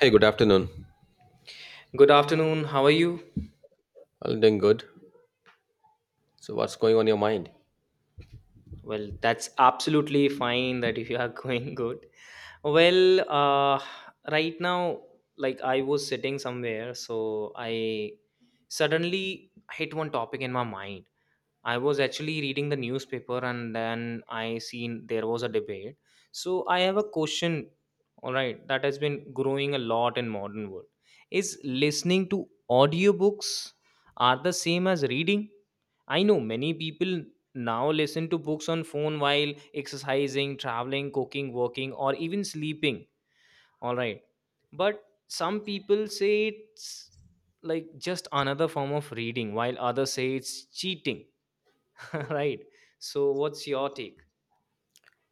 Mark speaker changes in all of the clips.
Speaker 1: Hey, good afternoon.
Speaker 2: Good afternoon. How are you?
Speaker 1: I'm doing good. So, what's going on your mind?
Speaker 2: Well, that's absolutely fine that if you are going good. Well, right now, like I was sitting somewhere, so I suddenly hit one topic in my mind. I was actually reading the newspaper and then I seen there was a debate. So I have a question, all right, that has been growing a lot in modern world. Is listening to audiobooks are the same as reading? I know many people now listen to books on phone while exercising, traveling, cooking, working or even sleeping, all right. But some people say it's like just another form of reading, while others say it's cheating, right? So what's your take?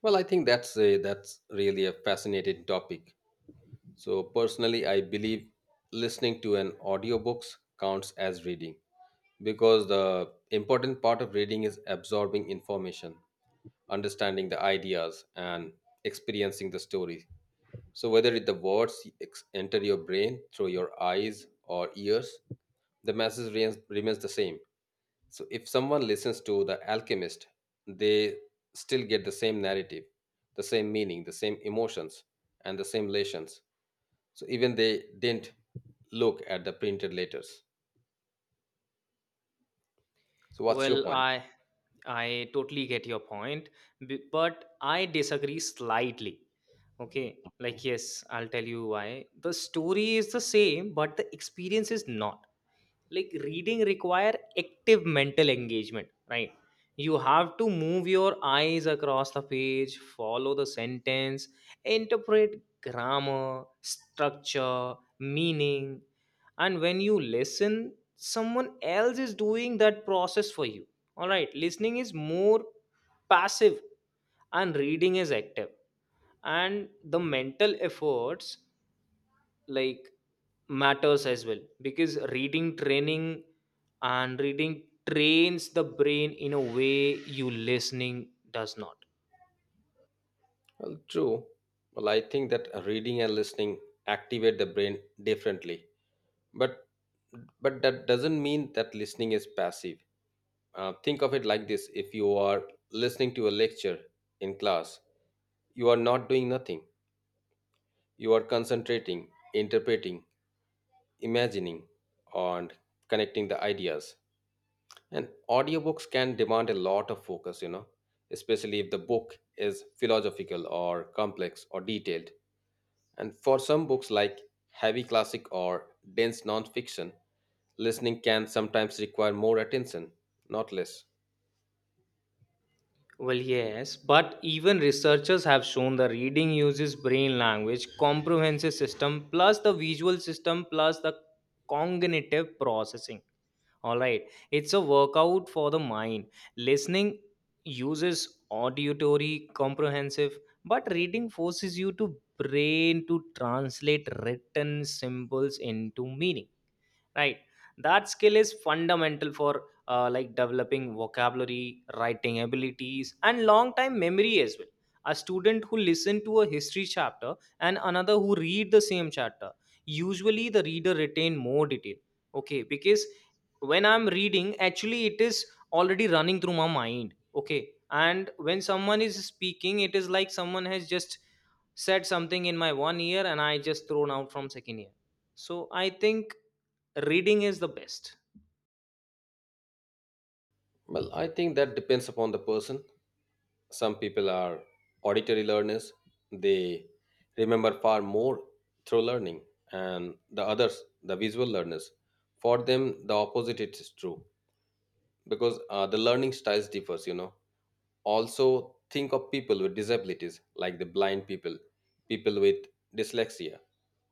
Speaker 1: Well, I think that's really a fascinating topic. So, personally, I believe listening to an audiobooks counts as reading because the important part of reading is absorbing information, understanding the ideas, and experiencing the story. So, whether the words enter your brain through your eyes or ears, the message remains the same. So if someone listens to The Alchemist, they still get the same narrative, the same meaning, the same emotions, and the same lessons. So even they didn't look at the printed letters. So what's your
Speaker 2: Well,
Speaker 1: point?
Speaker 2: I totally get your point. But I disagree slightly. Okay, like, yes, I'll tell you why. The story is the same but the experience is not. Like, reading require active mental engagement, right? You have to move your eyes across the page, follow the sentence, interpret grammar, structure meaning. And when you listen, someone else is doing that process for you. All right, listening is more passive and reading is active. And the mental efforts, like, matters as well, because reading training and reading trains the brain in a way you listening does not.
Speaker 1: Well, true. Well, I think that reading and listening activate the brain differently, but but that doesn't mean that listening is passive. Think of it like this: if you are listening to a lecture in class, you are not doing nothing. You are concentrating, interpreting, imagining, and connecting the ideas. And audiobooks can demand a lot of focus, you know, especially if the book is philosophical or complex or detailed. And for some books like heavy classic or dense nonfiction, listening can sometimes require more attention, not less.
Speaker 2: Well, yes, but even researchers have shown the reading uses brain language, comprehensive system, plus the visual system, plus the cognitive processing. All right, it's a workout for the mind. Listening uses auditory comprehensive, but reading forces you to brain to translate written symbols into meaning, right? That skill is fundamental for, like, developing vocabulary, writing abilities and long time memory as well. A student who listen to a history chapter and another who read the same chapter, usually the reader retain more detail. Okay, because when I'm reading, actually it is already running through my mind. Okay, and when someone is speaking, it is like someone has just said something in my one ear and I just thrown out from second ear. So I think reading is the best.
Speaker 1: Well, I think that depends upon the person. Some people are auditory learners, they remember far more through learning, and the others, the visual learners. For them, the opposite it is true because the learning styles differs, you know. Also, think of people with disabilities like the blind people, people with dyslexia,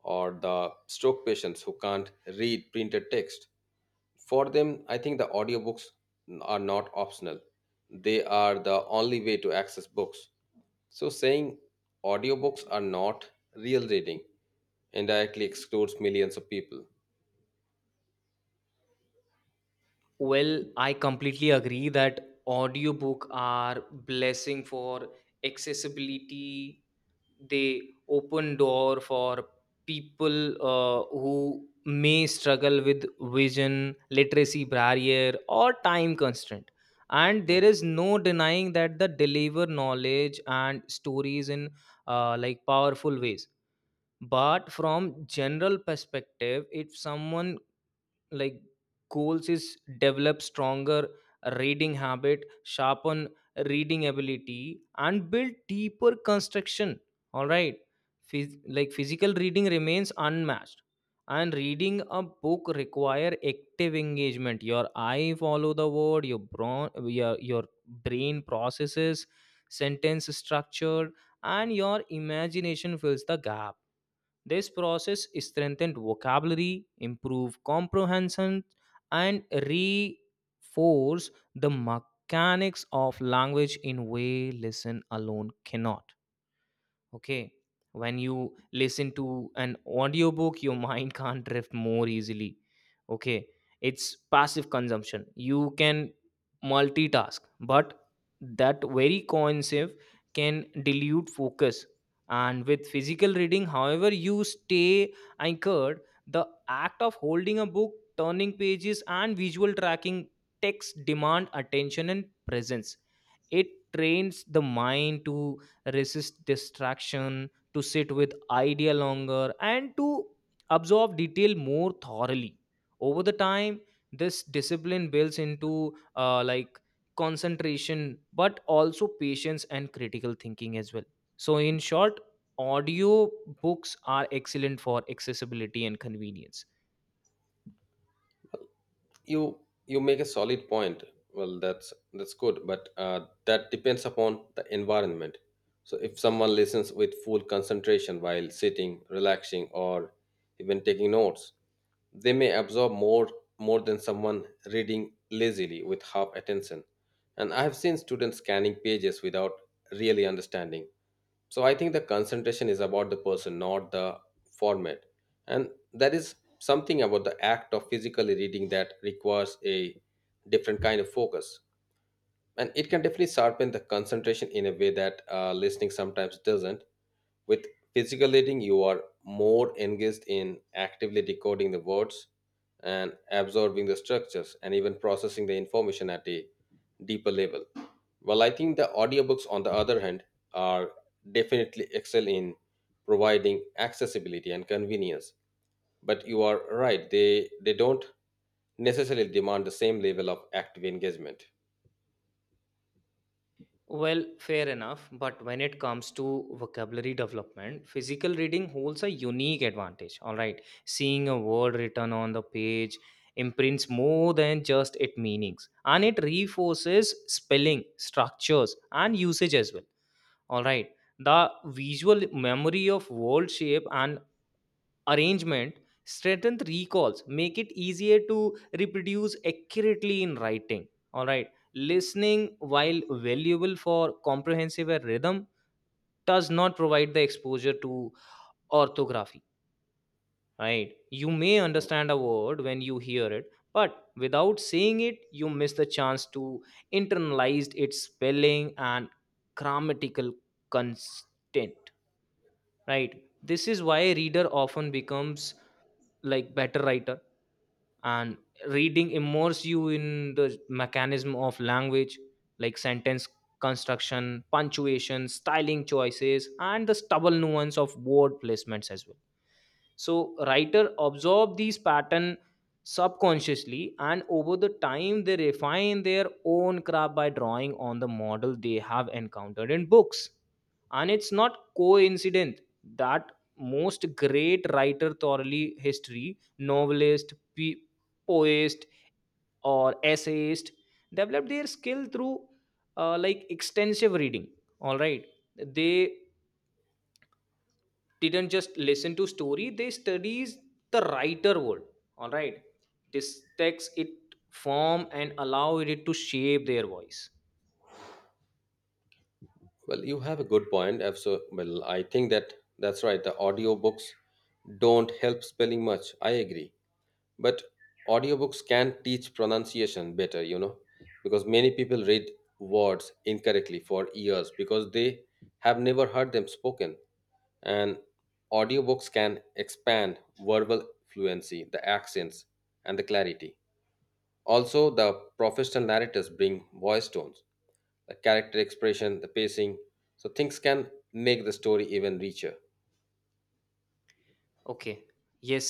Speaker 1: or the stroke patients who can't read printed text. For them, I think the audiobooks are not optional. They are the only way to access books. So saying audiobooks are not real reading indirectly excludes millions of people.
Speaker 2: Well, I completely agree that audiobook are blessing for accessibility. They open door for people, who may struggle with vision literacy barrier or time constraint. And there
Speaker 1: Hmm.
Speaker 2: is no denying that the deliver knowledge and stories in, like, powerful ways. But from general perspective, if someone, like, goals is develop stronger reading habit, sharpen reading ability and build deeper construction, all right. Like physical reading remains unmatched. And reading a book require active engagement, your eye follow the word, your brain processes sentence structure and your imagination fills the gap. This process strengthened vocabulary, improved comprehension, and reinforced the mechanics of language in way listen alone cannot. Okay, when you listen to an audiobook, your mind can't drift more easily. Okay, it's passive consumption. You can multitask, but that very cohesive can dilute focus. And with physical reading, however, you stay anchored. The act of holding a book, turning pages and visual tracking text demand attention and presence. It trains the mind to resist distraction, to sit with idea longer, and to absorb detail more thoroughly. Over the time, this discipline builds into, like, concentration, but also patience and critical thinking as well. So, in short, audio books are excellent for accessibility and convenience.
Speaker 1: you you make a solid point. Well, that's good, but that depends upon the environment. So if someone listens with full concentration while sitting relaxing or even taking notes, they may absorb more than someone reading lazily with half attention. And I have seen students scanning pages without really understanding. So I think the concentration is about the person, not the format. And there is something about the act of physically reading that requires a different kind of focus. And it can definitely sharpen the concentration in a way that listening sometimes doesn't. With physical reading, you are more engaged in actively decoding the words and absorbing the structures and even processing the information at a deeper level. Well, I think the audiobooks, on the other hand, are definitely excel in providing accessibility and convenience, but you are right, they don't necessarily demand the same level of active engagement.
Speaker 2: Well, fair enough. But when it comes to vocabulary development, physical reading holds a unique advantage. All right. Seeing a word written on the page imprints more than just its meanings, and it reinforces spelling, structures, and usage as well. All right. The visual memory of word shape and arrangement strengthen recalls, make it easier to reproduce accurately in writing. All right. Listening, while valuable for comprehensive rhythm, does not provide the exposure to orthography, right? You may understand a word when you hear it, but without saying it you miss the chance to internalize its spelling and grammatical content, right? This is why reader often becomes, like, better writer. And reading immerse you in the mechanism of language, like sentence construction, punctuation, styling choices and the stubble nuance of word placements as well. So writer absorb these pattern subconsciously, and over the time they refine their own craft by drawing on the model they have encountered in books. And it's not coincident that most great writer thoroughly history, novelist, poet or essayist developed their skill through, like, extensive reading. All right, they didn't just listen to story, they studies the writer word. All right, this text it form and allow it to shape their voice.
Speaker 1: Well, you have a good point. I So, well, I think that that's right. The audiobooks don't help spelling much. I agree. But audiobooks can teach pronunciation better, you know, because many people read words incorrectly for years because they have never heard them spoken. And audiobooks can expand verbal fluency, the accents, and the clarity. Also, the professional narrators bring voice tones, the character expression, the pacing, so things can make the story even richer.
Speaker 2: Okay, yes,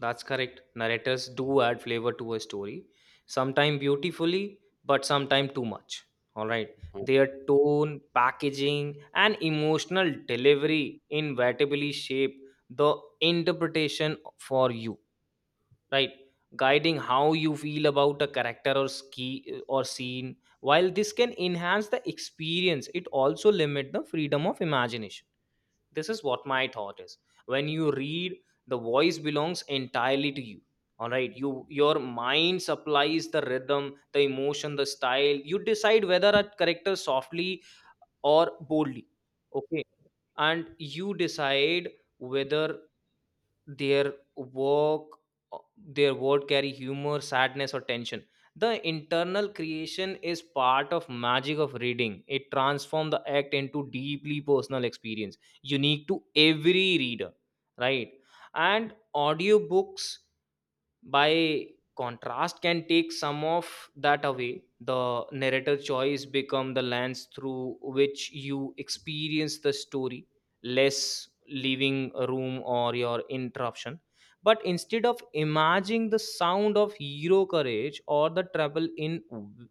Speaker 2: that's correct. Narrators do add flavor to a story, sometimes beautifully, but sometimes too much. All right,
Speaker 1: Mm.
Speaker 2: their tone packaging and emotional delivery inevitably shape the interpretation for you, right? Guiding how you feel about a character or scene. While this can enhance the experience, it also limit the freedom of imagination. This is what my thought is. When you read, the voice belongs entirely to you. All right, your mind supplies the rhythm, the emotion, the style. You decide whether a character softly or boldly. Okay, and you decide whether their work their word carry humor, sadness or tension. The internal creation is part of magic of reading. It transforms the act into deeply personal experience, unique to every reader, right? And audiobooks, by contrast, can take some of that away. The narrator choice become the lens through which you experience the story, less leaving a room or your interruption. But instead of imagining the sound of hero courage or the trouble in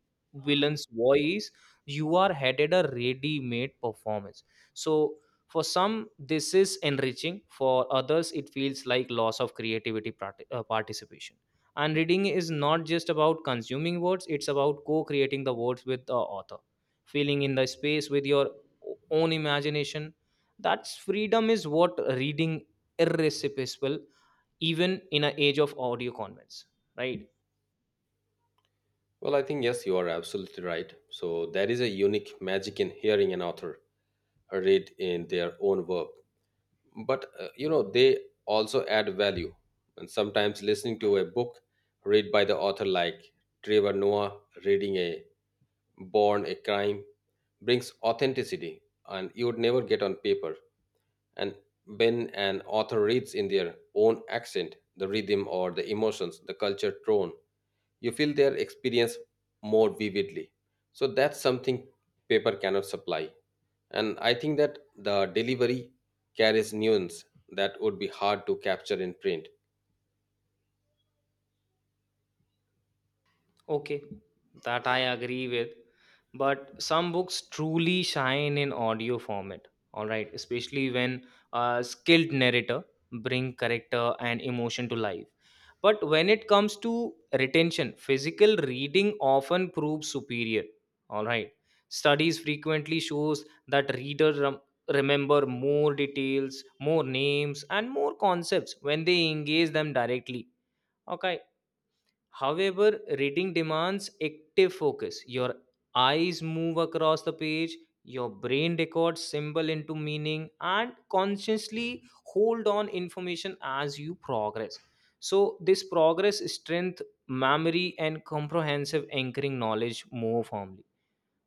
Speaker 2: villain's voice, you are headed a ready-made performance. So, for some this is enriching, for others it feels like loss of creativity, participation. And reading is not just about consuming words, it's about co-creating the words with the author, filling in the space with your own imagination. That's freedom is what reading irresistible, even in an age of audio convents, right?
Speaker 1: Well, I think yes, you are absolutely right. So there is a unique magic in hearing an author read in their own work, but you know they also add value. And sometimes listening to a book read by the author, like Trevor Noah reading a Born a Crime, brings authenticity, and you would never get on paper. And when an author reads in their own accent, the rhythm or the emotions, the culture tone, you feel their experience more vividly. So that's something paper cannot supply. And I think that the delivery carries nuance that would be hard to capture in print.
Speaker 2: Okay, that I agree with. But some books truly shine in audio format, all right, especially when a skilled narrator bring character and emotion to life. But when it comes to retention, physical reading often proves superior, all right. Studies frequently shows that readers remember more details, more names and more concepts when they engage them directly. Okay. However, reading demands active focus. Your eyes move across the page, your brain records symbol into meaning, and consciously hold on information as you progress. So, this progress strength memory and comprehensive anchoring knowledge more firmly.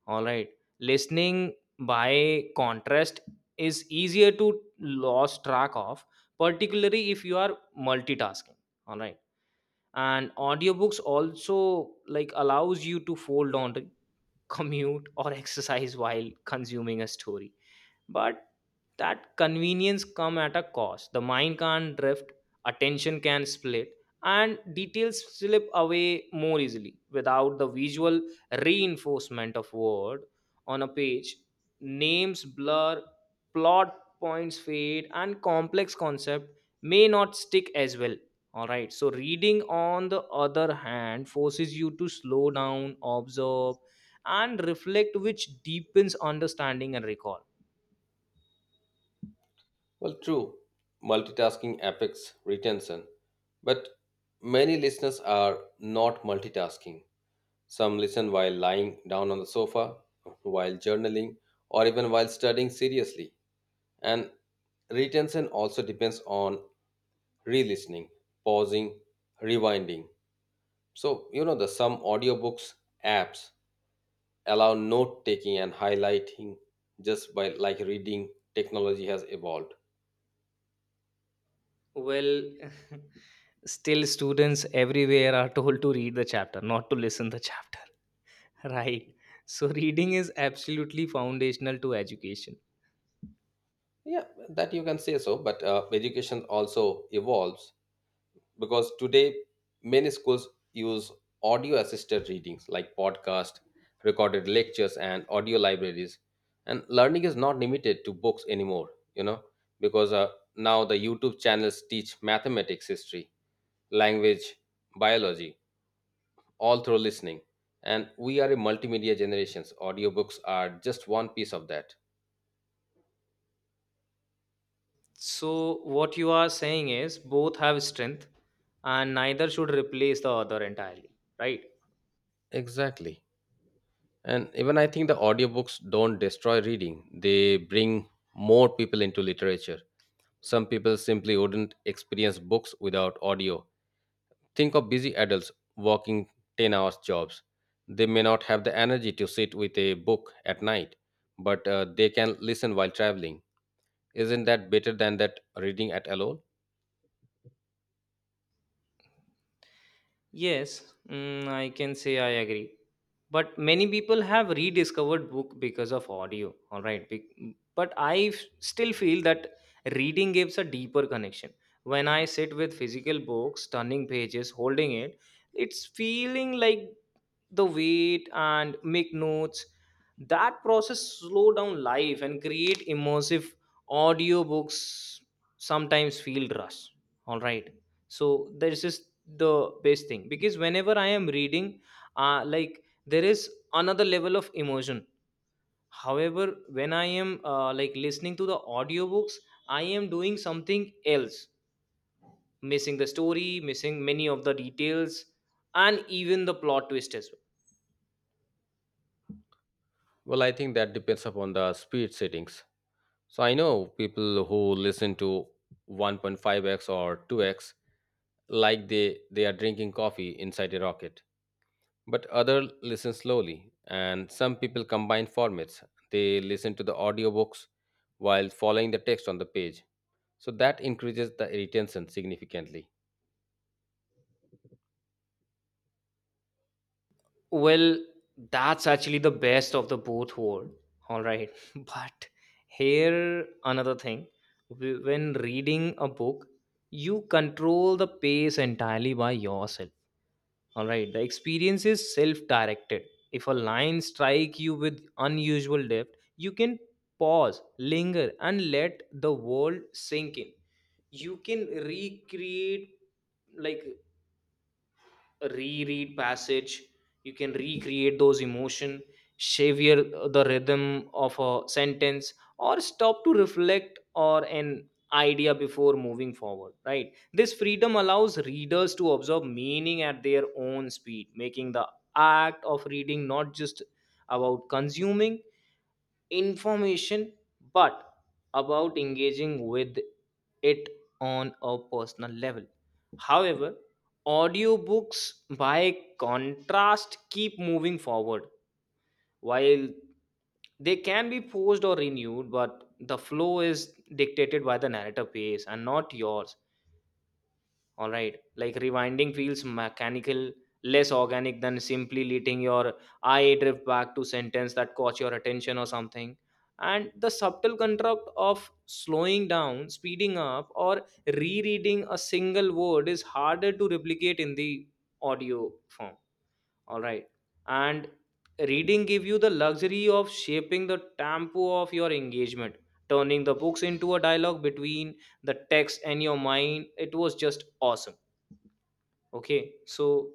Speaker 2: All right, listening by contrast is easier to lose track of, particularly if you are multitasking. All right, and audiobooks also, like, allows you to fold on to commute or exercise while consuming a story. But that convenience come at a cost. The mind can't drift, attention can split, and details slip away more easily without the visual reinforcement of word on a page. Names blur, plot points fade and complex concept may not stick as well. All right, so reading on the other hand forces you to slow down, observe and reflect, which deepens understanding and recall.
Speaker 1: Well, true, multitasking affects retention, but many listeners are not multitasking. Some listen while lying down on the sofa, while journaling, or even while studying seriously. And retention also depends on re listening, pausing, rewinding. So, you know, the some audiobooks apps allow note taking and highlighting just by like reading technology has evolved.
Speaker 2: Well, still students everywhere are told to read the chapter, not to listen the chapter, right? So reading is absolutely foundational to education.
Speaker 1: Yeah, that you can say so, but education also evolves because today many schools use audio assisted readings like podcast recorded lectures and audio libraries. And learning is not limited to books anymore, you know, because now the YouTube channels teach mathematics, history, language, biology all through listening. And we are a multimedia generations, audiobooks are just one piece of that.
Speaker 2: So what you are saying is both have strength and neither should replace the other entirely, right?
Speaker 1: Exactly. And even I think the audiobooks don't destroy reading, they bring more people into literature. Some people simply wouldn't experience books without audio. Think of busy adults working 10 hours jobs. They may not have the energy to sit with a book at night, but they can listen while traveling. Isn't that better than that reading at alone?
Speaker 2: Yes, I can say I agree. But many people have rediscovered book because of audio, all right. But I still feel that reading gives a deeper connection. When I sit with physical books, turning pages, holding it, it's feeling like the weight and make notes, that process slow down life and create immersive. Audiobooks sometimes feel rush, all right. So this is the best thing because whenever I am reading, like, there is another level of emotion. However, when I am, like, listening to the audiobooks, I am doing something else, missing the story, missing many of the details and even the plot twist as well.
Speaker 1: Well, I think that depends upon the speed settings. So I know people who listen to 1.5x or 2x like they are drinking coffee inside a rocket. But other listen slowly, and some people combine formats, they listen to the audiobooks while following the text on the page, so that increases the retention significantly.
Speaker 2: Well, that's actually the best of the both world. All right. But here another thing. When reading a book, you control the pace entirely by yourself. All right. The experience is self-directed. If a line strike you with unusual depth, you can pause, linger and let the world sink in. You can recreate, like, reread passage. You can recreate those emotion, savor the rhythm of a sentence, or stop to reflect or an idea before moving forward, right? This freedom allows readers to observe meaning at their own speed, making the act of reading not just about consuming information, but about engaging with it on a personal level. However, audiobooks, by contrast, keep moving forward. While they can be paused or renewed, but the flow is dictated by the narrative pace and not yours, all right? Like rewinding feels mechanical, less organic than simply letting your eye drift back to sentence that caught your attention or something. And the subtle construct of slowing down, speeding up, or rereading a single word is harder to replicate in the audio form, all right? And reading give you the luxury of shaping the tempo of your engagement, turning the books into a dialogue between the text and your mind. It was just awesome. Okay, so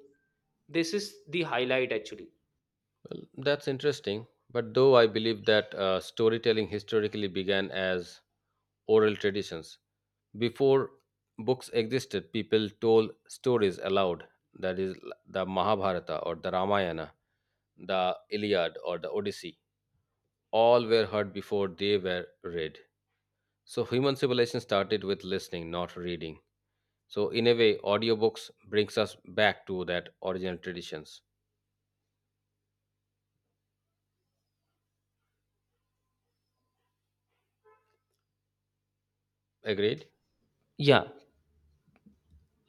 Speaker 2: this is the highlight actually.
Speaker 1: Well, that's interesting, but though I believe that storytelling historically began as oral traditions. Before books existed, people told stories aloud, that is the Mahabharata or the Ramayana, the Iliad or the Odyssey, all were heard before they were read. So human civilization started with listening, not reading. So in a way, audiobooks brings us back to that original traditions. Agreed?
Speaker 2: Yeah,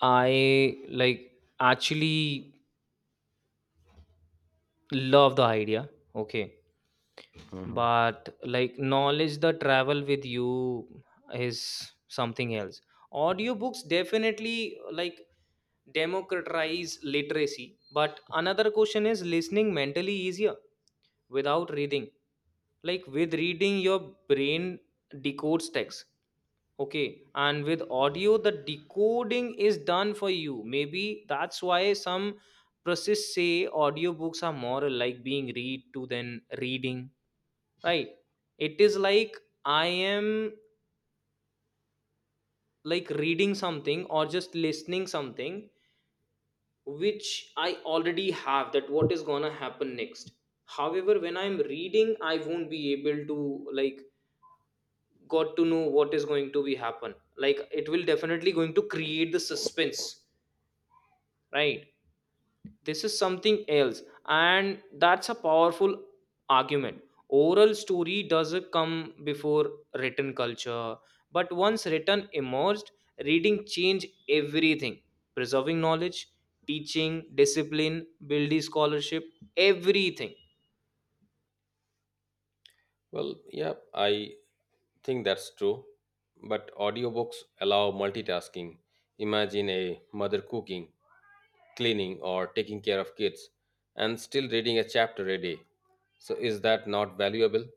Speaker 2: I like actually love the idea. Okay,
Speaker 1: Mhm.
Speaker 2: but like knowledge the travel with you is something else. Audiobooks definitely like democratize literacy, but another question is listening mentally easier without reading. Like with reading, your brain decodes text. Okay, and with audio, the decoding is done for you. Maybe that's why some process say audiobooks are more like being read to than reading, right? It is like I am like reading something or just listening something which I already have that what is gonna happen next. However, when I'm reading, I won't be able to like got to know what is going to be happen. Like it will definitely going to create the suspense, right? This is something else, and that's a powerful argument. Oral story doesn't come before written culture, but once written emerged, reading changed everything: preserving knowledge, teaching discipline, building scholarship, everything.
Speaker 1: Well, yeah, I think that's true. But audiobooks allow multitasking. Imagine a mother cooking, cleaning, or taking care of kids and still reading a chapter a day. So, is that not valuable?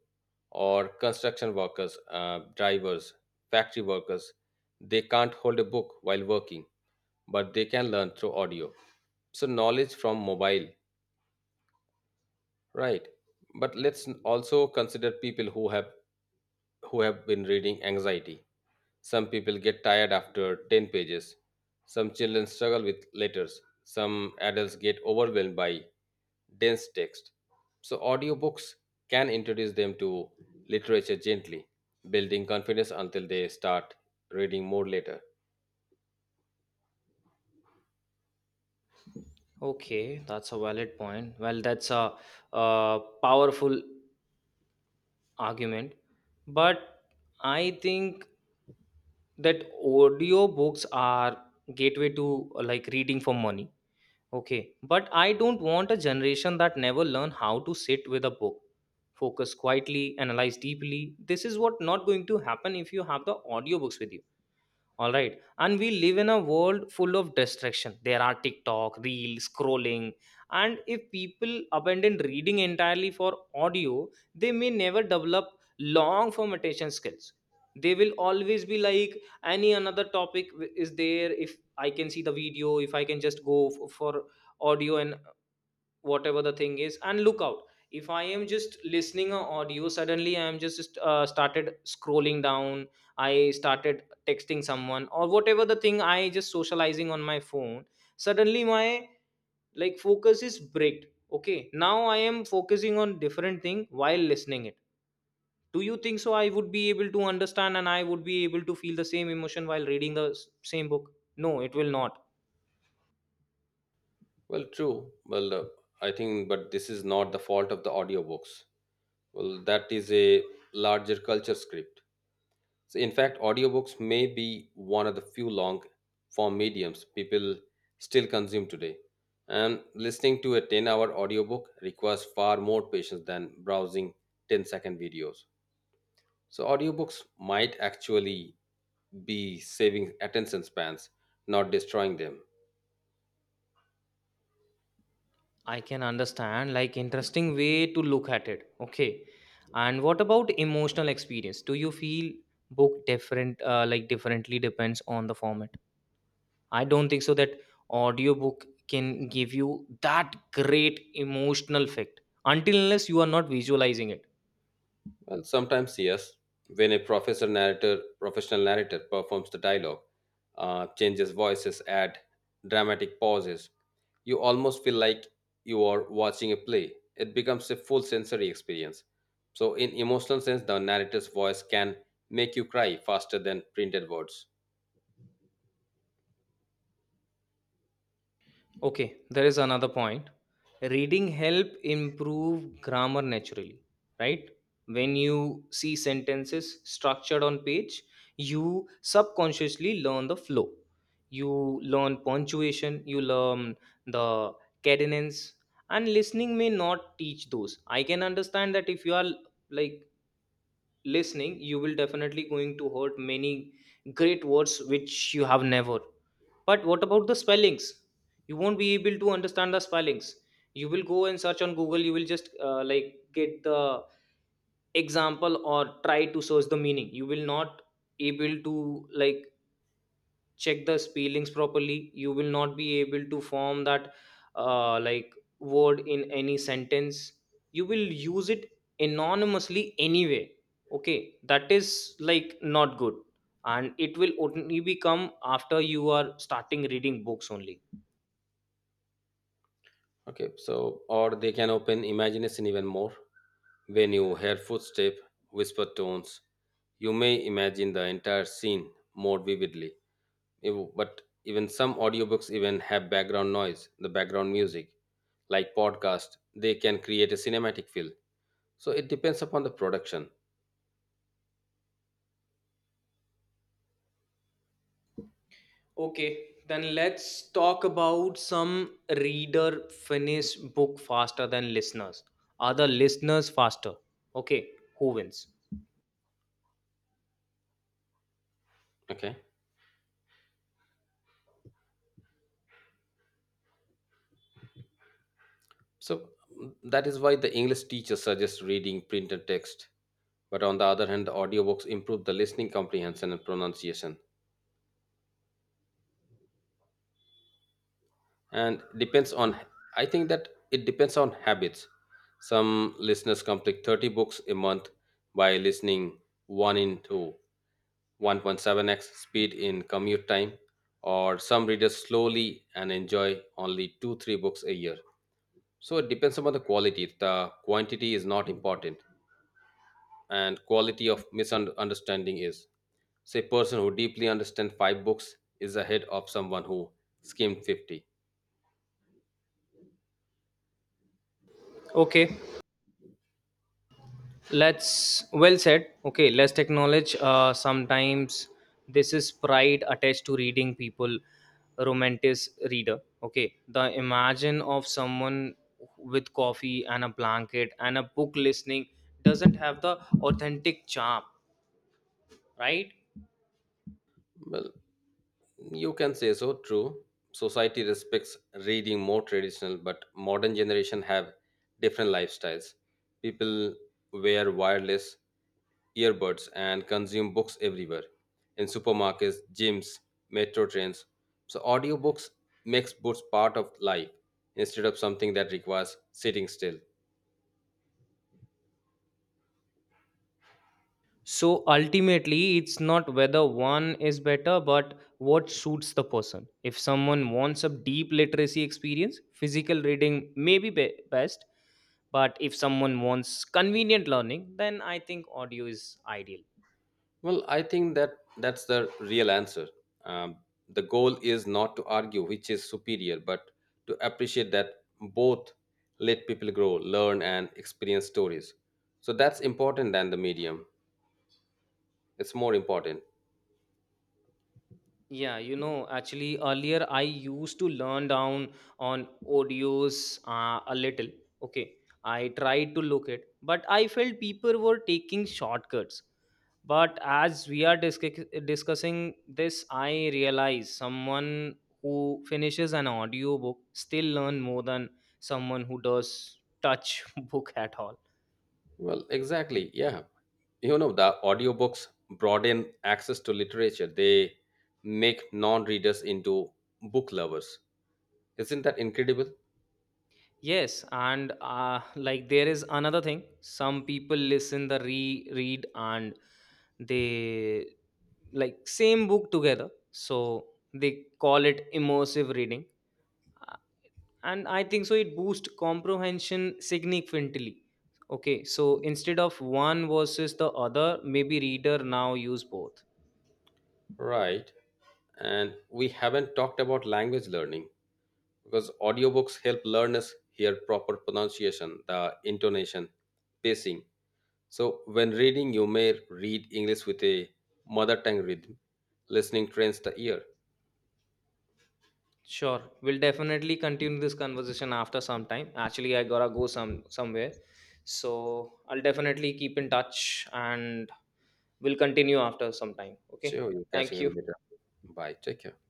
Speaker 1: Or construction workers, drivers, factory workers, they can't hold a book while working. But they can learn through audio. So, knowledge from mobile, right? But let's also consider people who have been reading anxiety. Some people get tired after 10 pages. Some children struggle with letters. Some adults get overwhelmed by dense text. So audiobooks can introduce them to literature gently, building confidence until they start reading more later.
Speaker 2: Okay, that's a valid point. Well, that's a uh, powerful argument, but I think that audiobooks are gateway to, like reading for money. Okay, but I don't want a generation that never learn how to sit with a book, focus quietly, analyze deeply. This is what not going to happen if you have the audiobooks with you, all right? And we live in a world full of distraction. There are TikTok reel scrolling, and if people abandon reading entirely for audio, they may never develop long form attention skills. They will always be like any another topic. Is there, if I can see the video, if I can just go for audio and whatever the thing is and look out. If I am just listening a audio, suddenly I am just started scrolling down. I started texting someone or whatever the thing, I just socializing on my phone. Suddenly my like focus is bricked. Okay, now I am focusing on different thing while listening it. Do you think so I would be able to understand, and I would be able to feel the same emotion while reading the same book? No, it will not.
Speaker 1: Well, true. Well, I think, but this is not the fault of the audiobooks. Well, that is a larger culture script. So, in fact, audiobooks may be one of the few long form mediums people still consume today. And listening to a 10-hour audiobook requires far more patience than browsing 10-second videos. So, audiobooks might actually be saving attention spans, not destroying them.
Speaker 2: I can understand, like, interesting way to look at it. Okay. And what about emotional experience? Do you feel book different, like, differently depends on the format? I don't think so that audiobook can give you that great emotional effect until unless you are not visualizing it.
Speaker 1: Well, sometimes yes. When a professor narrator, professional narrator performs the dialogue, changes voices, add dramatic pauses, you almost feel like you are watching a play. It becomes a full sensory experience. So, in emotional sense, the narrator's voice can make you cry faster than printed words.
Speaker 2: Okay, there is another point. Reading help improve grammar naturally, right? When you see sentences structured on page, you subconsciously learn the flow. You learn punctuation, you learn the cadence, and listening may not teach those. I can understand that if you are like listening, you will definitely going to hurt many great words which you have never. But what about the spellings? You won't be able to understand the spellings. You will go and search on Google. You will just, like get the example or try to search the meaning. You will not able to like check the spellings properly. You will not be able to form that, like word in any sentence. You will use it anonymously anyway. Okay, that is like not good, and it will only become after you are starting reading books only.
Speaker 1: Okay, so or they can open imagination even more. When you hear footsteps, whisper tones, you may imagine the entire scene more vividly. But even some audiobooks even have background noise, the background music, like podcast, they can create a cinematic feel. So it depends upon the production.
Speaker 2: Okay, then let's talk about some. Reader finish book faster than listeners? Are the listeners faster? Okay, who wins?
Speaker 1: Okay. So mm, that is why the English teacher suggests reading printed text. But on the other hand, the audiobooks improve the listening comprehension and pronunciation. And depends on I think that it depends on habits. Some listeners complete 30 books a month by listening one in two 1.7x speed in commute time, or some readers slowly and enjoy only two, three books a year. So it depends upon the quality. The quantity is not important, and quality of misunderstanding is. Say, person who deeply understands five books is ahead of someone who skimmed 50.
Speaker 2: Okay. Let's well said. Okay, let's acknowledge. Sometimes this is pride attached to reading people, romantic reader. Okay, the imagine of someone with coffee and a blanket and a book listening doesn't have the authentic charm, right?
Speaker 1: Well, you can say so, true. Society respects reading more traditional, but modern generation have different lifestyles. People wear wireless earbuds and consume books everywhere in supermarkets, gyms, metro trains. So audiobooks makes books part of life instead of something that requires sitting still.
Speaker 2: So ultimately, it's not whether one is better, but what suits the person. If someone wants a deep literacy experience, physical reading may be, best. But if someone wants convenient learning, then I think audio is ideal.
Speaker 1: Well, I think that that's the real answer. Um, the goal is not to argue which is superior, but to appreciate that both let people grow, learn, and experience stories. So that's important than the medium. It's more important.
Speaker 2: Yeah, actually earlier I used to learn down on audios, a little. Okay, I tried to look it, but I felt people were taking shortcuts. But as we are discussing this, I realize someone who finishes an audiobook still learn more than someone who does touch book at all.
Speaker 1: Well, exactly. Yeah. You know, the audiobooks broaden access to literature, they make non readers into book lovers. Isn't that incredible?
Speaker 2: Yes, and like there is another thing. Some people listen the re read and they like same book together, so they call it immersive reading. Uh, and I think so it boosts comprehension significantly. Okay, so instead of one versus the other, maybe reader now use both.
Speaker 1: Right. And we haven't talked about language learning because audiobooks help learners hear proper pronunciation, the intonation, pacing. So when reading you may read English with a mother tongue rhythm, listening trains the ear.
Speaker 2: Sure, we'll definitely continue this conversation after some time. Actually, I gotta go somewhere. So I'll definitely keep in touch, and we'll continue after some time. Okay,
Speaker 1: So you're
Speaker 2: thank
Speaker 1: catching it
Speaker 2: you.
Speaker 1: later. Bye, take care.